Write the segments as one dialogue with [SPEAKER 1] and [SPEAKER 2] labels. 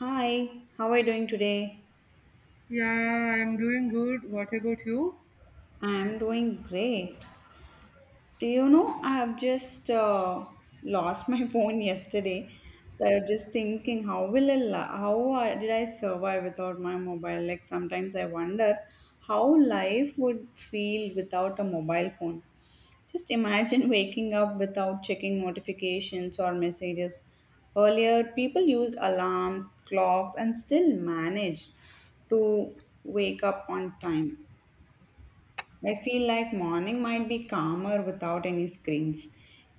[SPEAKER 1] Hi, how are you doing today?
[SPEAKER 2] Yeah, I'm doing good. What about you?
[SPEAKER 1] I'm doing great. Do you know I have just lost my phone yesterday? So I was just thinking, how will I, li- how I- did I survive without my mobile? Like sometimes I wonder how life would feel without a mobile phone. Just imagine waking up without checking notifications or messages. Earlier, people used alarms, clocks, and still managed to wake up on time. I feel like morning might be calmer without any screens.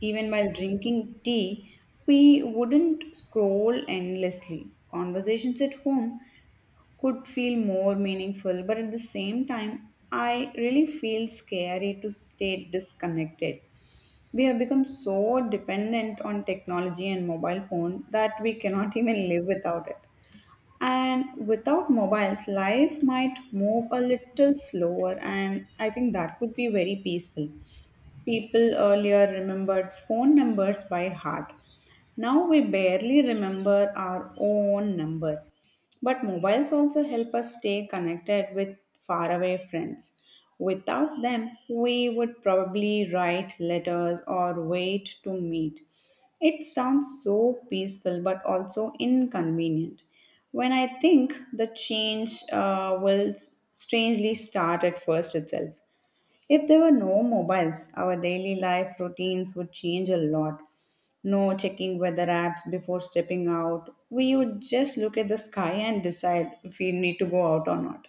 [SPEAKER 1] Even while drinking tea, we wouldn't scroll endlessly. Conversations at home could feel more meaningful, but at the same time, I really feel scary to stay disconnected. We have become so dependent on technology and mobile phone that we cannot even live without it. And without mobiles, life might move a little slower, and I think that would be very peaceful. People earlier remembered phone numbers by heart. Now we barely remember our own number. But mobiles also help us stay connected with faraway friends. Without them, we would probably write letters or wait to meet. It sounds so peaceful but also inconvenient. When I think the change will strangely start at first itself. If there were no mobiles, our daily life routines would change a lot. No checking weather apps before stepping out. We would just look at the sky and decide if we need to go out or not.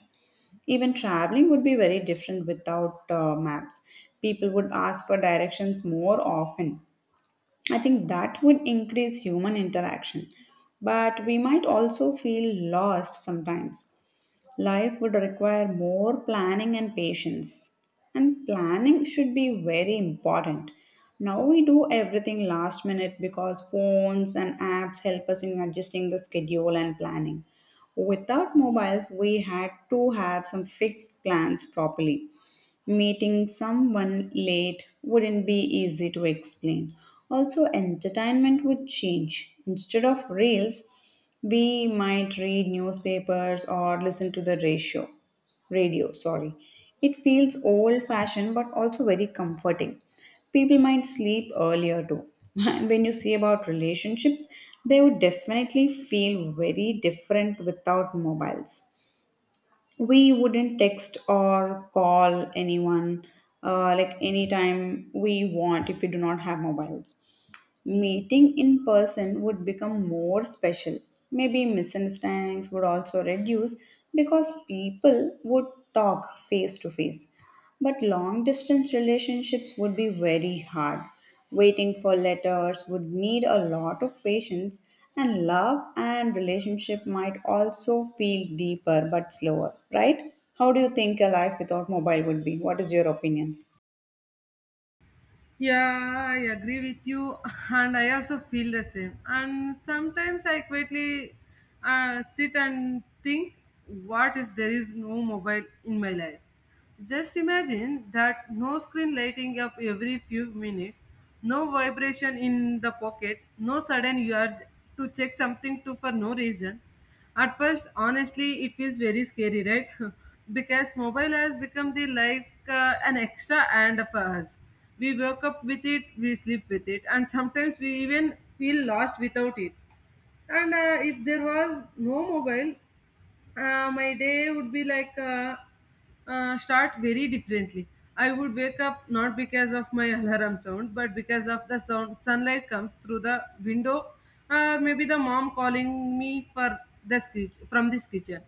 [SPEAKER 1] Even traveling would be very different without maps. People would ask for directions more often. I think that would increase human interaction. But we might also feel lost sometimes. Life would require more planning and patience. And planning should be very important. Now we do everything last minute because phones and apps help us in adjusting the schedule and planning. Without mobiles, we had to have some fixed plans properly. Meeting someone late wouldn't be easy to explain. Also, entertainment would change. Instead of reels, we might read newspapers or listen to the radio radio sorry It feels old fashioned but also very comforting. People might sleep earlier too. And when you see about relationships, they would definitely feel very different without mobiles. We wouldn't text or call anyone, like anytime we want if we do not have mobiles. Meeting in person would become more special. Maybe misunderstandings would also reduce because people would talk face to face. But long distance relationships would be very hard. Waiting for letters would need a lot of patience, and love and relationship might also feel deeper but slower, right? How do you think a life without mobile would be? What is your opinion?
[SPEAKER 2] Yeah, I agree with you, and I also feel the same. And sometimes I quietly sit and think, what if there is no mobile in my life? Just imagine that no screen lighting up every few minutes, no vibration in the pocket, no sudden urge to check something to for no reason. At first, honestly, it feels very scary, right? Because mobile has become the like an extra and of us. We wake up with it, we sleep with it, and sometimes we even feel lost without it. And if there was no mobile, my day would be like start very differently. I would wake up not because of my alarm sound, but because of the sound sunlight comes through the window. Maybe the mom calling me for the sketch from this kitchen,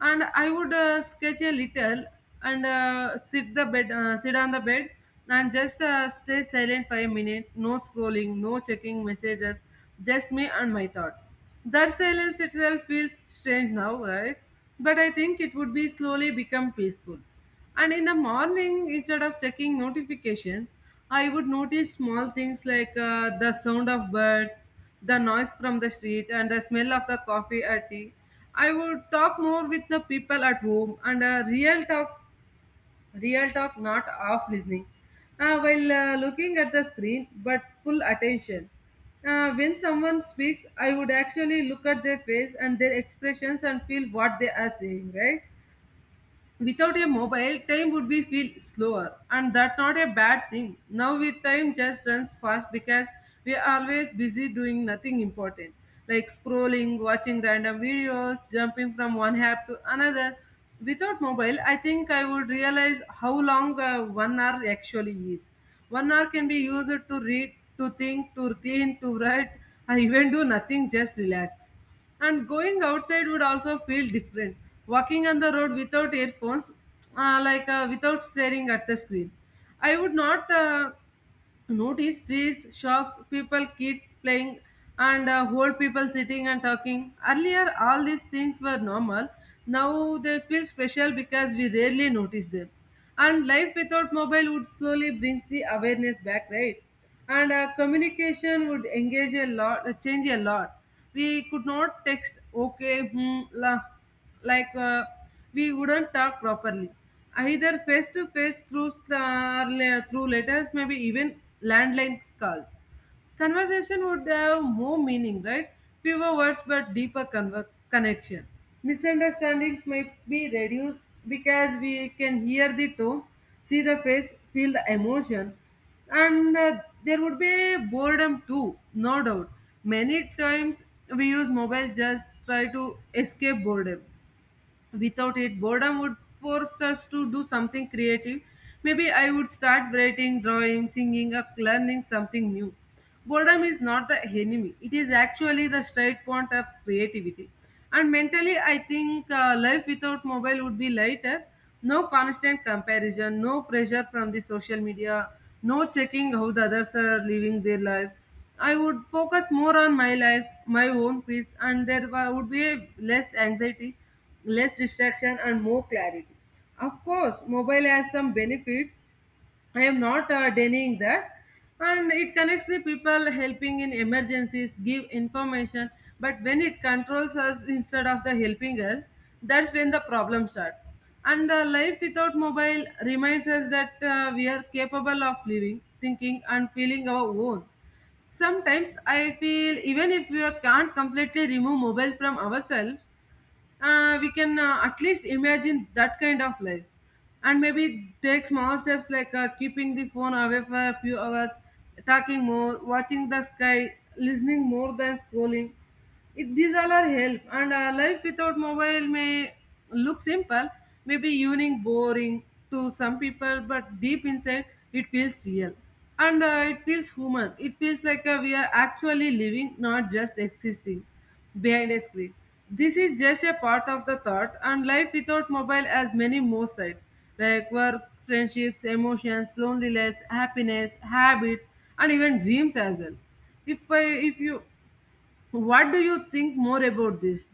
[SPEAKER 2] and I would sketch a little and sit on the bed, and just stay silent for a minute. No scrolling, no checking messages, just me and my thoughts. That silence itself feels strange now, right? But I think it would be slowly become peaceful. And in the morning, instead of checking notifications, I would notice small things like the sound of birds, the noise from the street, and the smell of the coffee or tea. I would talk more with the people at home, and a real talk Real talk, not off listening. While looking at the screen, but full attention. When someone speaks, I would actually look at their face and their expressions and feel what they are saying, right? Without a mobile, time would be feel slower, and that's not a bad thing. Now with time just runs fast because we are always busy doing nothing important, like scrolling, watching random videos, jumping from one app to another. Without mobile, I think I would realize how long 1 hour actually is. 1 hour can be used to read, to think, to write, I even do nothing, just relax. And going outside would also feel different, walking on the road without earphones, without staring at the screen. I would not notice trees, shops, people, kids playing, and old people sitting and talking. Earlier, all these things were normal. Now they feel special because we rarely notice them. And life without mobile would slowly brings the awareness back, right? And communication would change a lot. We could not text okay, hmm, la, like uh, we wouldn't talk properly, either face to face through letters, maybe even landline calls. Conversation would have more meaning, right? Fewer words but deeper connection. Misunderstandings may be reduced because we can hear the tone, see the face, feel the emotion. And there would be boredom too, no doubt. Many times we use mobile just try to escape boredom. Without it, boredom would force us to do something creative. Maybe I would start writing, drawing, singing, or learning something new. Boredom is not the enemy, it is actually the straight point of creativity. And mentally I think life without mobile would be lighter. No constant comparison, no pressure from the social media, no checking how the others are living their lives. I would focus more on my life, my own peace, and there would be less anxiety, less distraction, and more clarity. Of course, mobile has some benefits. I am not denying that. And it connects the people, helping in emergencies, give information. But when it controls us instead of the helping us, that's when the problem starts. And the life without mobile reminds us that we are capable of living, thinking, and feeling our own. Sometimes I feel even if we can't completely remove mobile from ourselves, we can at least imagine that kind of life and maybe take small steps like keeping the phone away for a few hours, talking more, watching the sky, listening more than scrolling. These all are help, and life without mobile may look simple, maybe unique, boring to some people, but deep inside it feels real, and it feels human. It feels like we are actually living, not just existing behind a screen. This is just a part of the thought, and life without mobile has many more sides like work, friendships, emotions, loneliness, happiness, habits, and even dreams as well. If you, what do you think more about this?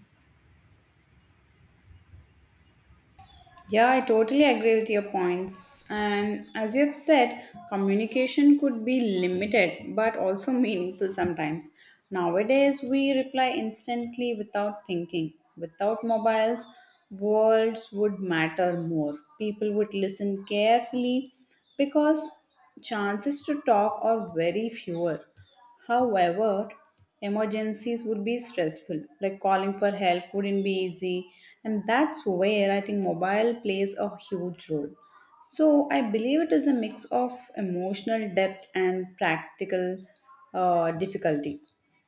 [SPEAKER 1] Yeah, I totally agree with your points. And as you have said, communication could be limited but also meaningful sometimes. Nowadays, we reply instantly without thinking. Without mobiles, words would matter more. People would listen carefully because chances to talk are very fewer. However, emergencies would be stressful, like calling for help wouldn't be easy, and that's where I think mobile plays a huge role. So, I believe it is a mix of emotional depth and practical difficulty.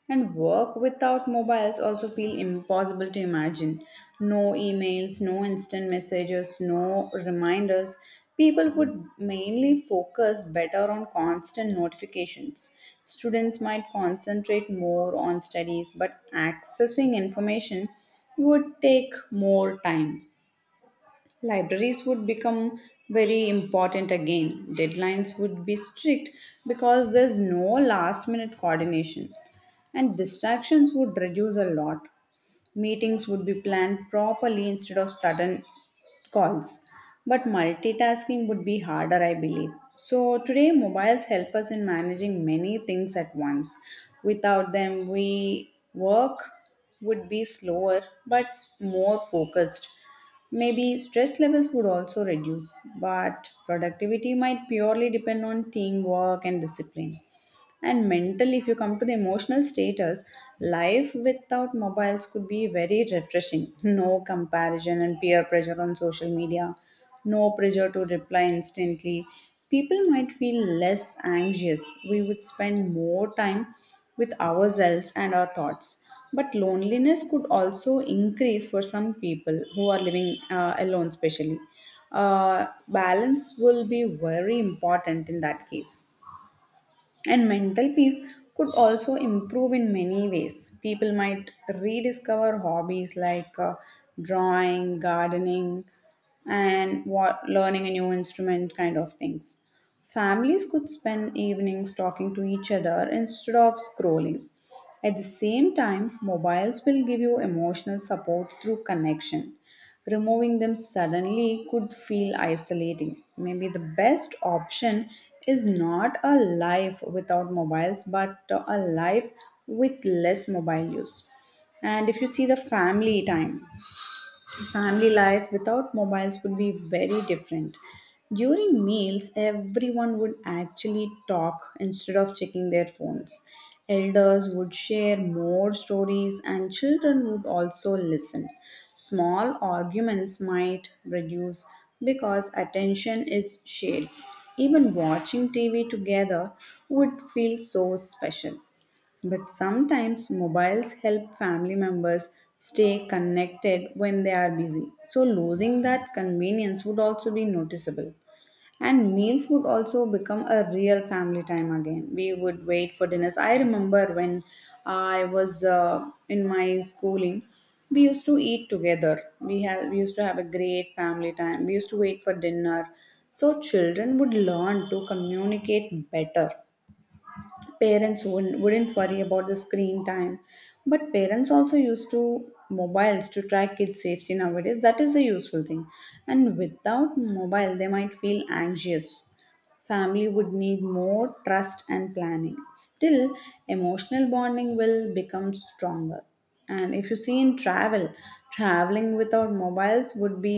[SPEAKER 1] And work without mobiles also feel impossible to imagine. No emails, no instant messages, no reminders. People would mainly focus better on constant notifications. Students might concentrate more on studies, but accessing information would take more time. Libraries would become very important again. Deadlines would be strict because there's no last minute coordination, and distractions would reduce a lot. Meetings would be planned properly instead of sudden calls. But multitasking would be harder, I believe. So, today, mobiles help us in managing many things at once. Without them, we work would be slower but more focused. Maybe stress levels would also reduce, but productivity might purely depend on teamwork and discipline. And mentally, if you come to the emotional status, life without mobiles could be very refreshing. No comparison and peer pressure on social media, no pressure to reply instantly. People might feel less anxious. We would spend more time with ourselves and our thoughts. But loneliness could also increase for some people who are living alone, especially. Balance will be very important in that case. And mental peace could also improve in many ways. People might rediscover hobbies like drawing, gardening, and what, learning a new instrument kind of things. Families could spend evenings talking to each other instead of scrolling. At the same time, mobiles will give you emotional support through connection. Removing them suddenly could feel isolating. Maybe the best option is not a life without mobiles, but a life with less mobile use. And if you see the family time, family life without mobiles would be very different. During meals, everyone would actually talk instead of checking their phones. Elders would share more stories, and children would also listen. Small arguments might reduce because attention is shared. Even watching TV together would feel so special. But sometimes mobiles help family members stay connected when they are busy. So losing that convenience would also be noticeable. And meals would also become a real family time again. We would wait for dinners. I remember when I was in my schooling, we used to eat together. We used to have a great family time. We used to wait for dinner. So children would learn to communicate better. Parents wouldn't worry about the screen time, but parents also used to mobiles to track kids safety nowadays. That is a useful thing, and without mobile they might feel anxious. Family would need more trust and planning. Still, emotional bonding will become stronger. And if you see in travel, traveling without mobiles would be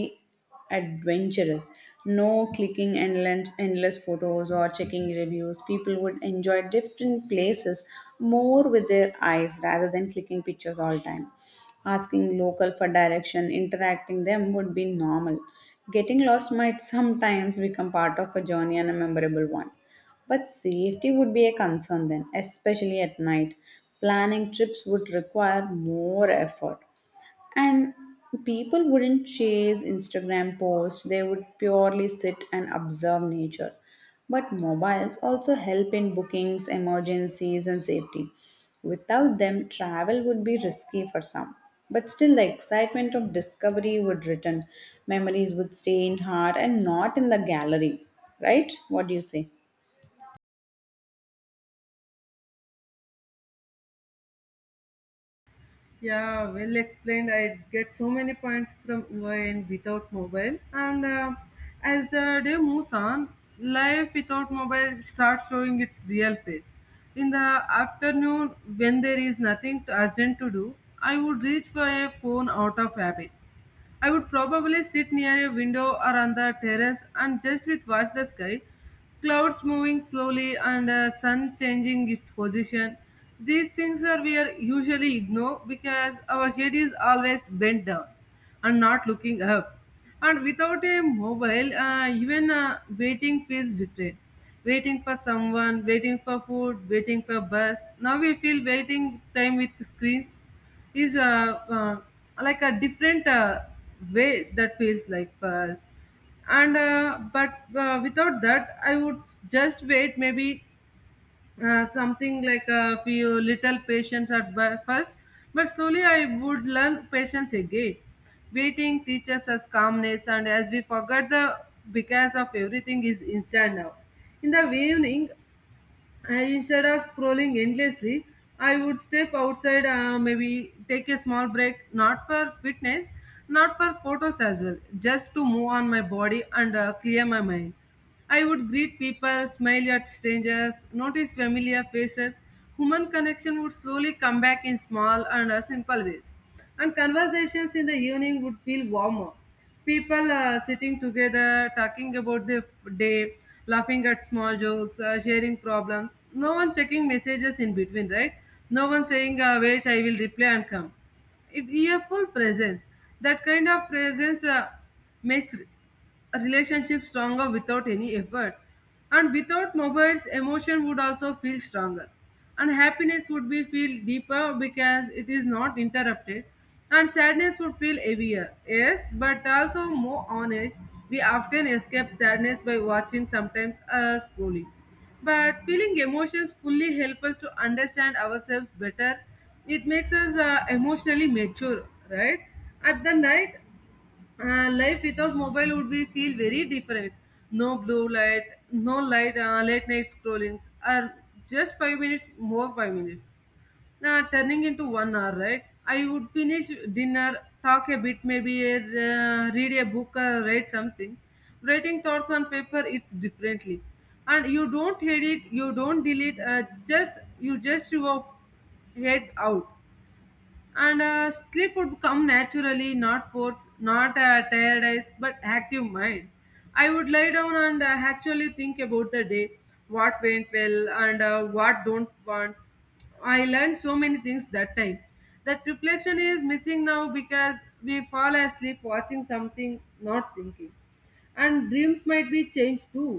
[SPEAKER 1] adventurous. No clicking endless photos or checking reviews. People would enjoy different places more with their eyes rather than clicking pictures all time. Asking local for direction, interacting them would be normal. Getting lost might sometimes become part of a journey and a memorable one. But safety would be a concern then, especially at night. Planning trips would require more effort. And people wouldn't chase Instagram posts, they would purely sit and observe nature. But mobiles also help in bookings, emergencies, and safety. Without them, travel would be risky for some. But still, the excitement of discovery would return. Memories would stay in heart and not in the gallery. Right? What do you say?
[SPEAKER 2] Yeah, well explained. I get so many points from UI without mobile. And as the day moves on, life without mobile starts showing its real face. In the afternoon, when there is nothing urgent to do, I would reach for a phone out of habit. I would probably sit near a window or on the terrace and just with watch the sky, clouds moving slowly and sun changing its position. These things are we are usually ignore because our head is always bent down and not looking up. And without a mobile, even waiting feels different. Waiting for someone, waiting for food, waiting for bus. Now we feel waiting time with screens is uh, like a different way that feels like and but without that I would just wait. Maybe something like a few little patience at first, but slowly I would learn patience again. Waiting teaches us calmness, and as we forget the, because of everything is instant now. In the evening, I, instead of scrolling endlessly, I would step outside, maybe take a small break, not for fitness, not for photos as well, just to move on my body and clear my mind. I would greet people, smile at strangers, notice familiar faces. Human connection would slowly come back in small and simple ways. And conversations in the evening would feel warmer, people sitting together talking about their day, laughing at small jokes, sharing problems, no one checking messages in between, right? No one saying, wait, I will reply and come. it, a full presence. That kind of presence makes a relationship stronger without any effort. And without mobiles, emotion would also feel stronger. And happiness would be feel deeper because it is not interrupted. And sadness would feel heavier. Yes, but also more honest. We often escape sadness by watching sometimes scrolling. But feeling emotions fully help us to understand ourselves better. It makes us emotionally mature, right? At the night, life without mobile would be feel very different. No blue light, no light, late night scrollings. Or just 5 minutes more, 5 minutes, now turning into 1 hour, right? I would finish dinner, talk a bit, maybe read a book or write something. Writing thoughts on paper, it's differently. And you don't edit, you don't delete, just your head out. And sleep would come naturally, not forced, not a tired eyes but active mind. I would lie down and actually think about the day, what went well and what don't want. I learned so many things that time. That reflection is missing now because we fall asleep watching something, not thinking. And dreams might be changed too.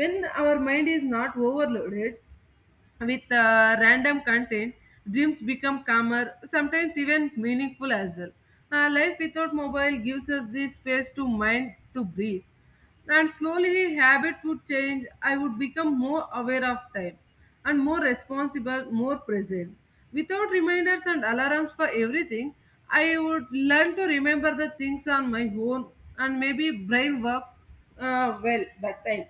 [SPEAKER 2] When our mind is not overloaded with random content, dreams become calmer, sometimes even meaningful as well. Life without mobile gives us the space to mind to breathe. And slowly habits would change. I would become more aware of time and more responsible, more present. Without reminders and alarms for everything, I would learn to remember the things on my own, and maybe brain work well that time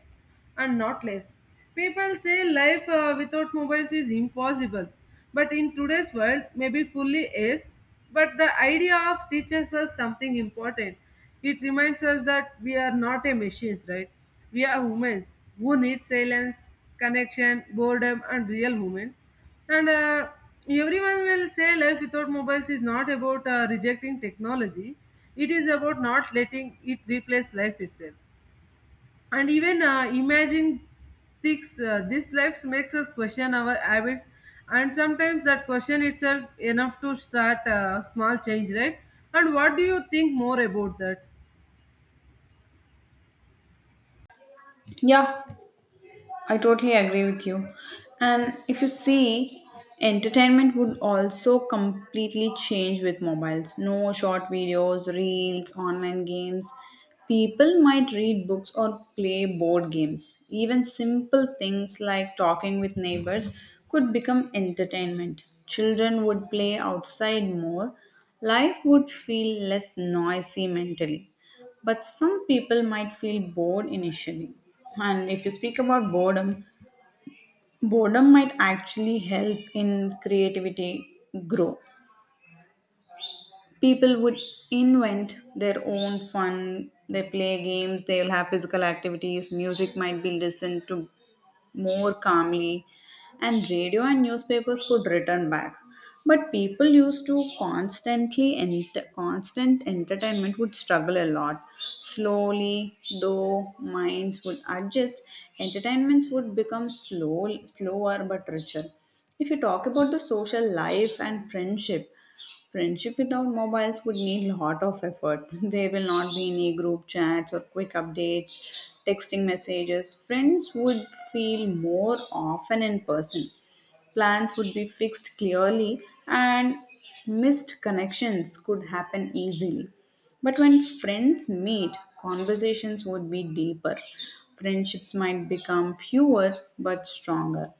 [SPEAKER 2] and not less. People say life without mobiles is impossible, but in today's world, maybe fully is. But the idea of teaches us something important. It reminds us that we are not a machines, right? We are humans who need silence, connection, boredom, and real moments. And everyone will say life without mobiles is not about rejecting technology. It is about not letting it replace life itself. And even imagining things, this life makes us question our habits, and sometimes that question itself enough to start a small change, right? And what do you think more about that?
[SPEAKER 1] Yeah, I totally agree with you. And if you see, entertainment would also completely change with mobiles. No short videos, reels, online games. People might read books or play board games. Even simple things like talking with neighbors could become entertainment. Children would play outside more. Life would feel less noisy mentally, but some people might feel bored initially. And if you speak about boredom, boredom might actually help in creativity grow. People would invent their own fun. They play games, they'll have physical activities, music might be listened to more calmly, and radio and newspapers could return back. But people used to constant entertainment would struggle a lot. Slowly though, minds would adjust. Entertainments would become slower but richer. If you talk about the social life and friendship, friendship without mobiles would need a lot of effort. There will not be any group chats or quick updates, texting messages. Friends would feel more often in person. Plans would be fixed clearly, and missed connections could happen easily. But when friends meet, conversations would be deeper. Friendships might become fewer but stronger.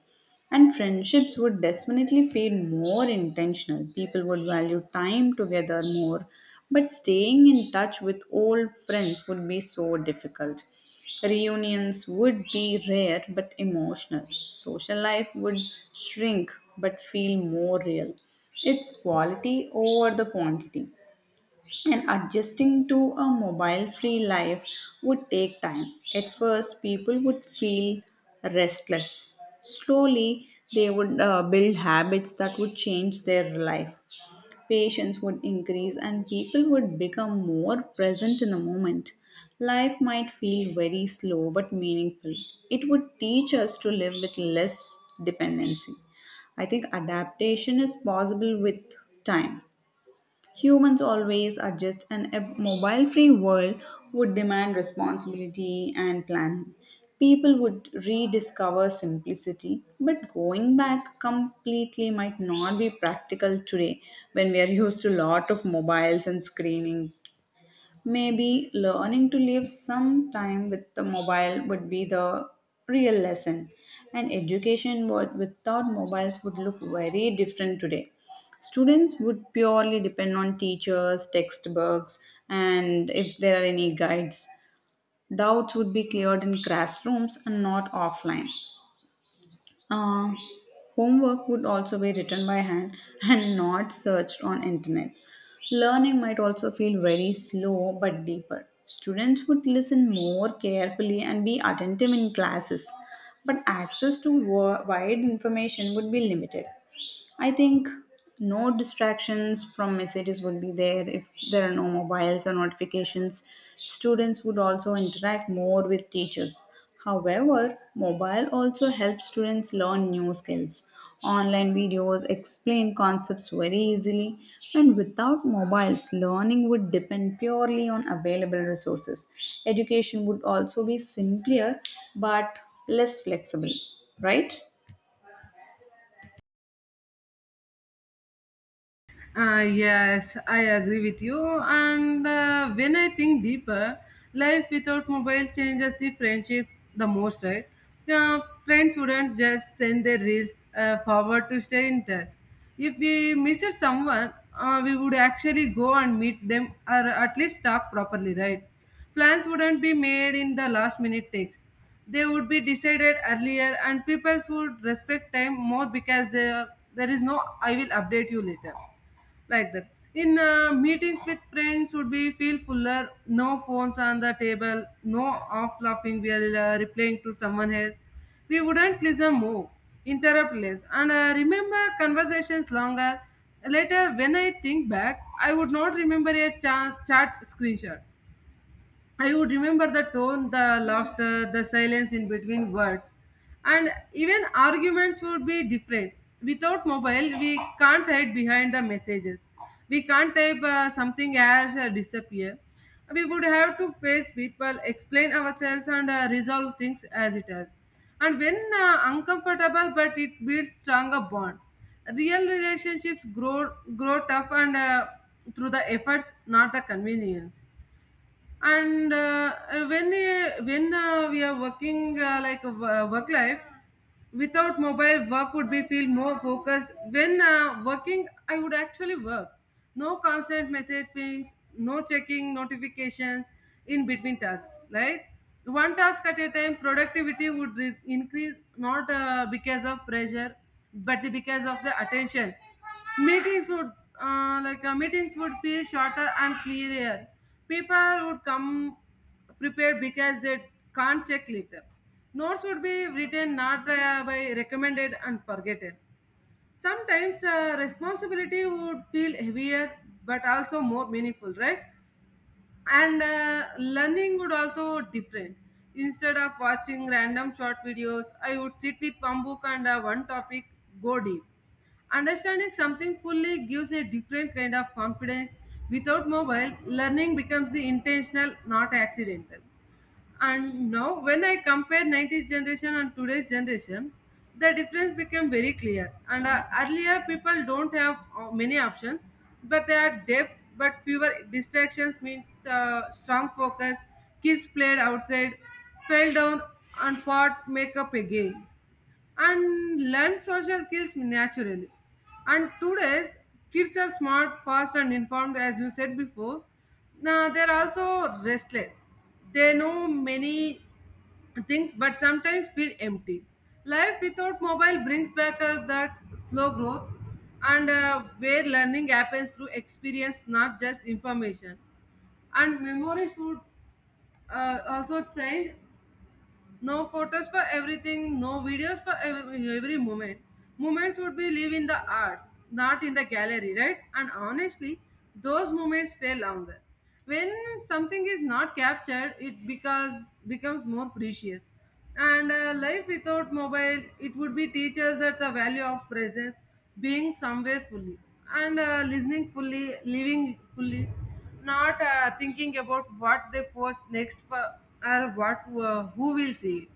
[SPEAKER 1] And friendships would definitely feel more intentional. People would value time together more. But staying in touch with old friends would be so difficult. Reunions would be rare but emotional. Social life would shrink but feel more real. It's quality over the quantity. And adjusting to a mobile free life would take time. At first, people would feel restless. Slowly, they would build habits that would change their life. Patience would increase, and people would become more present in the moment. Life might feel very slow but meaningful. It would teach us to live with less dependency. I think adaptation is possible with time. Humans always adjust, and a mobile free world would demand responsibility and planning. People would rediscover simplicity, but going back completely might not be practical today when we are used to a lot of mobiles and screening. Maybe learning to live some time with the mobile would be the real lesson. And education without mobiles would look very different today. Students would purely depend on teachers, textbooks, and if there are any guides. Doubts would be cleared in classrooms and not offline. Uh, Homework would also be written by hand and not searched on internet. Learning might also feel very slow but deeper. Students would listen more carefully and be attentive in classes, but access to wide information would be limited. I think no distractions from messages would be there if there are no mobiles or notifications. Students would also interact more with teachers. However, mobile also helps students learn new skills. Online videos explain concepts very easily, and without mobiles, learning would depend purely on available resources. Education would also be simpler but less flexible, right?
[SPEAKER 2] Yes, I agree with you. And when I think deeper, life without mobile changes the friendships the most, right? Friends wouldn't just send their reels forward to stay in touch. If we missed someone, we would actually go and meet them or at least talk properly, right? Plans wouldn't be made in the last minute takes. They would be decided earlier, and people would respect time more because there is no I will update you later like that in meetings with friends would be feel fuller no phones on the table no off laughing we are replying to someone else we wouldn't listen more interrupt less and remember conversations longer later when I think back I would not remember a chat screenshot. I would remember the tone, the laughter, the silence in between words. And even arguments would be different. Without mobile, we can't hide behind the messages. We can't type something as disappear. We would have to face people, explain ourselves, and resolve things as it is. And when uncomfortable, but it builds stronger bond. Real relationships grow tough and through the efforts, not the convenience and when we are working like work life without mobile work would be feel more focused when working I would actually work no constant message pings no checking notifications in between tasks right one task at a time productivity would increase not because of pressure but because of the attention meetings would meetings would feel shorter and clearer people would come prepared because they can't check later. Notes would be written not by recommended and forgotten. Sometimes responsibility would feel heavier but also more meaningful, right? And learning would also different. Instead of watching random short videos, I would sit with one book and one topic, go deep. Understanding something fully gives a different kind of confidence. Without mobile, learning becomes the intentional, not accidental. And now, when I compare 90s generation and today's generation, the difference became very clear. And earlier, people don't have many options, but they are depth, but fewer distractions mean strong focus. Kids played outside, fell down, and fought makeup again and learn social skills naturally. And today's kids are smart, fast, and informed, as you said before. Now they're also restless. They know many things, but sometimes feel empty. Life without mobile brings back us that slow growth, and where learning happens through experience, not just information. And memories would also change no photos for everything, no videos for every moment. Moments would be live in the art, not in the gallery, right? And honestly, those moments stay longer. When something is not captured, it because becomes more precious. And life without mobile, it would be teach us that the value of presence, being somewhere fully, and listening fully, living fully, not thinking about what they post next or what who will see it.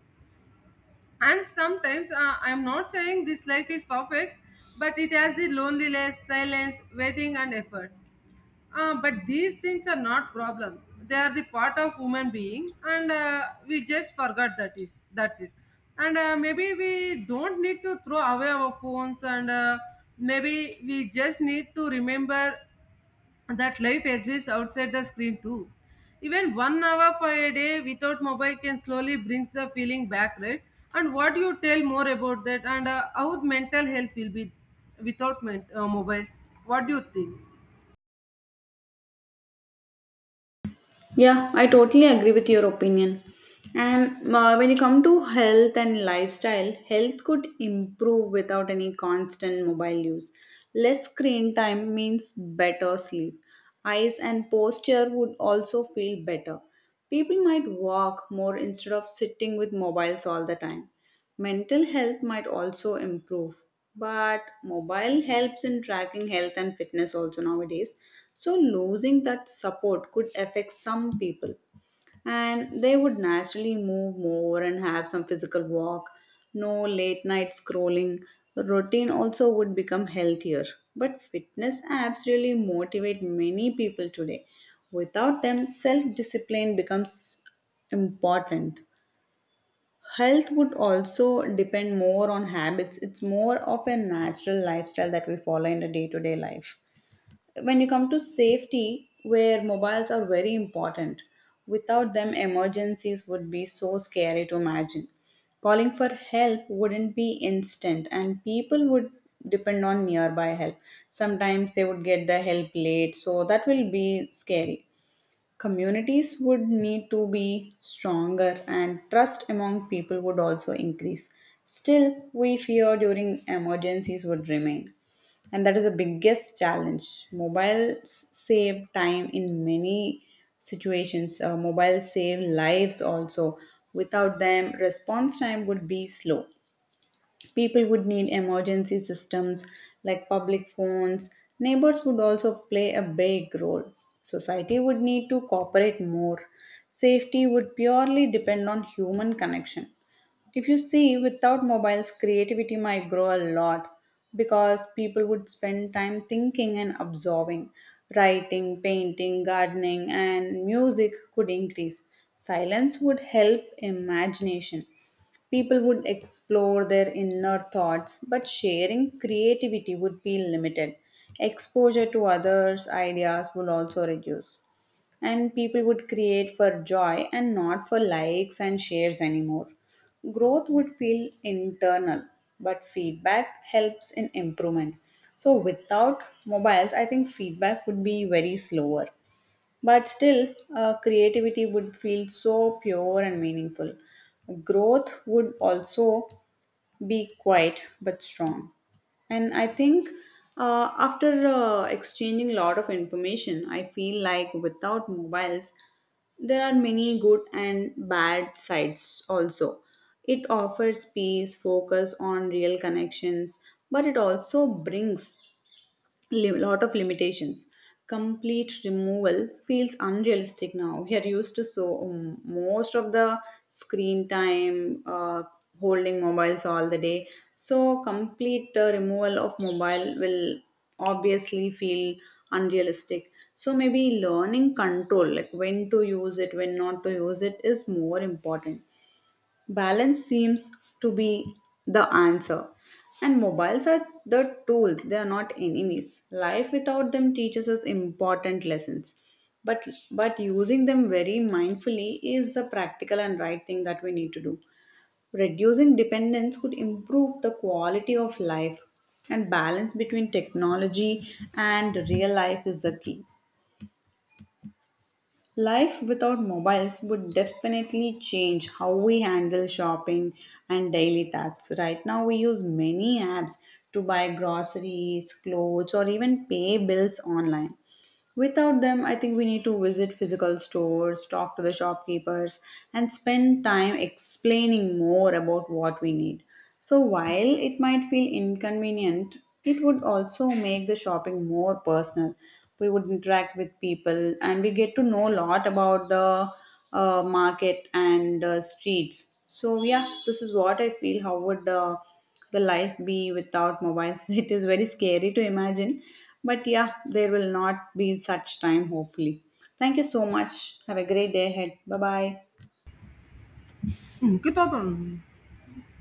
[SPEAKER 2] And sometimes I'm not saying this life is perfect, but it has the loneliness, silence, waiting, and effort. But these things are not problems. They are the part of human being, and we just forgot that is that's it. And maybe we don't need to throw away our phones, and maybe we just need to remember that life exists outside the screen too. Even 1 hour for a day without mobile can slowly brings the feeling back, right? And what you tell more about that, and how mental health will be without mobiles? What do you think?
[SPEAKER 1] Yeah, I totally agree with your opinion. And when you come to health and lifestyle, health could improve without any constant mobile use. Less screen time means better sleep. Eyes and posture would also feel better. People might walk more instead of sitting with mobiles all the time. Mental health might also improve, but mobile helps in tracking health and fitness also nowadays. So, losing that support could affect some people, and they would naturally move more and have some physical walk, no late night scrolling. Routine also would become healthier. But fitness apps really motivate many people today. Without them, self discipline becomes important. Health would also depend more on habits. It's more of a natural lifestyle that we follow in the day to day life. When you come to safety, where mobiles are very important, without them emergencies would be so scary to imagine. Calling for help wouldn't be instant, and people would depend on nearby help. Sometimes they would get the help late, so that will be scary. Communities would need to be stronger, and trust among people would also increase. Still, we fear during emergencies would remain, and that is the biggest challenge. Mobiles save time in many situations. Mobiles save lives also. Without them, response time would be slow. People would need emergency systems like public phones. Neighbors would also play a big role. Society would need to cooperate more. Safety would purely depend on human connection. If you see, without mobiles, creativity might grow a lot because people would spend time thinking and absorbing. Writing, painting, gardening, and music could increase. Silence would help imagination. People would explore their inner thoughts, but sharing creativity would be limited. Exposure to others' ideas would also reduce. And people would create for joy and not for likes and shares anymore. Growth would feel internal, but feedback helps in improvement. So, without mobiles, I think feedback would be very slower. But still, creativity would feel so pure and meaningful. Growth would also be quiet but strong. And I think after exchanging a lot of information, I feel like without mobiles, there are many good and bad sides also. It offers peace, focus on real connections, but it also brings lot of limitations. Complete removal feels unrealistic now. We are used to so most of the screen time holding mobiles all the day. So complete removal of mobile will obviously feel unrealistic. So maybe learning control, like when to use it, when not to use it, is more important. Balance seems to be the answer, and mobiles are the tools. They are not enemies. Life without them teaches us important lessons, but using them very mindfully is the practical and right thing that we need to do. Reducing dependence could improve the quality of life, and balance between technology and real life is the key. Life without mobiles would definitely change how we handle shopping and daily tasks. Right now, we use many apps to buy groceries, clothes, or even pay bills online. Without them, I think we need to visit physical stores, talk to the shopkeepers, and spend time explaining more about what we need. So, while it might feel inconvenient, it would also make the shopping more personal. We would interact with people, and we get to know a lot about the market and streets. So, yeah, this is what I feel. How would the life be without mobiles. It is very scary to imagine. But yeah, there will not be such time, hopefully. Thank you so much. Have a great day ahead. Bye bye.
[SPEAKER 2] Hmm, क्या thought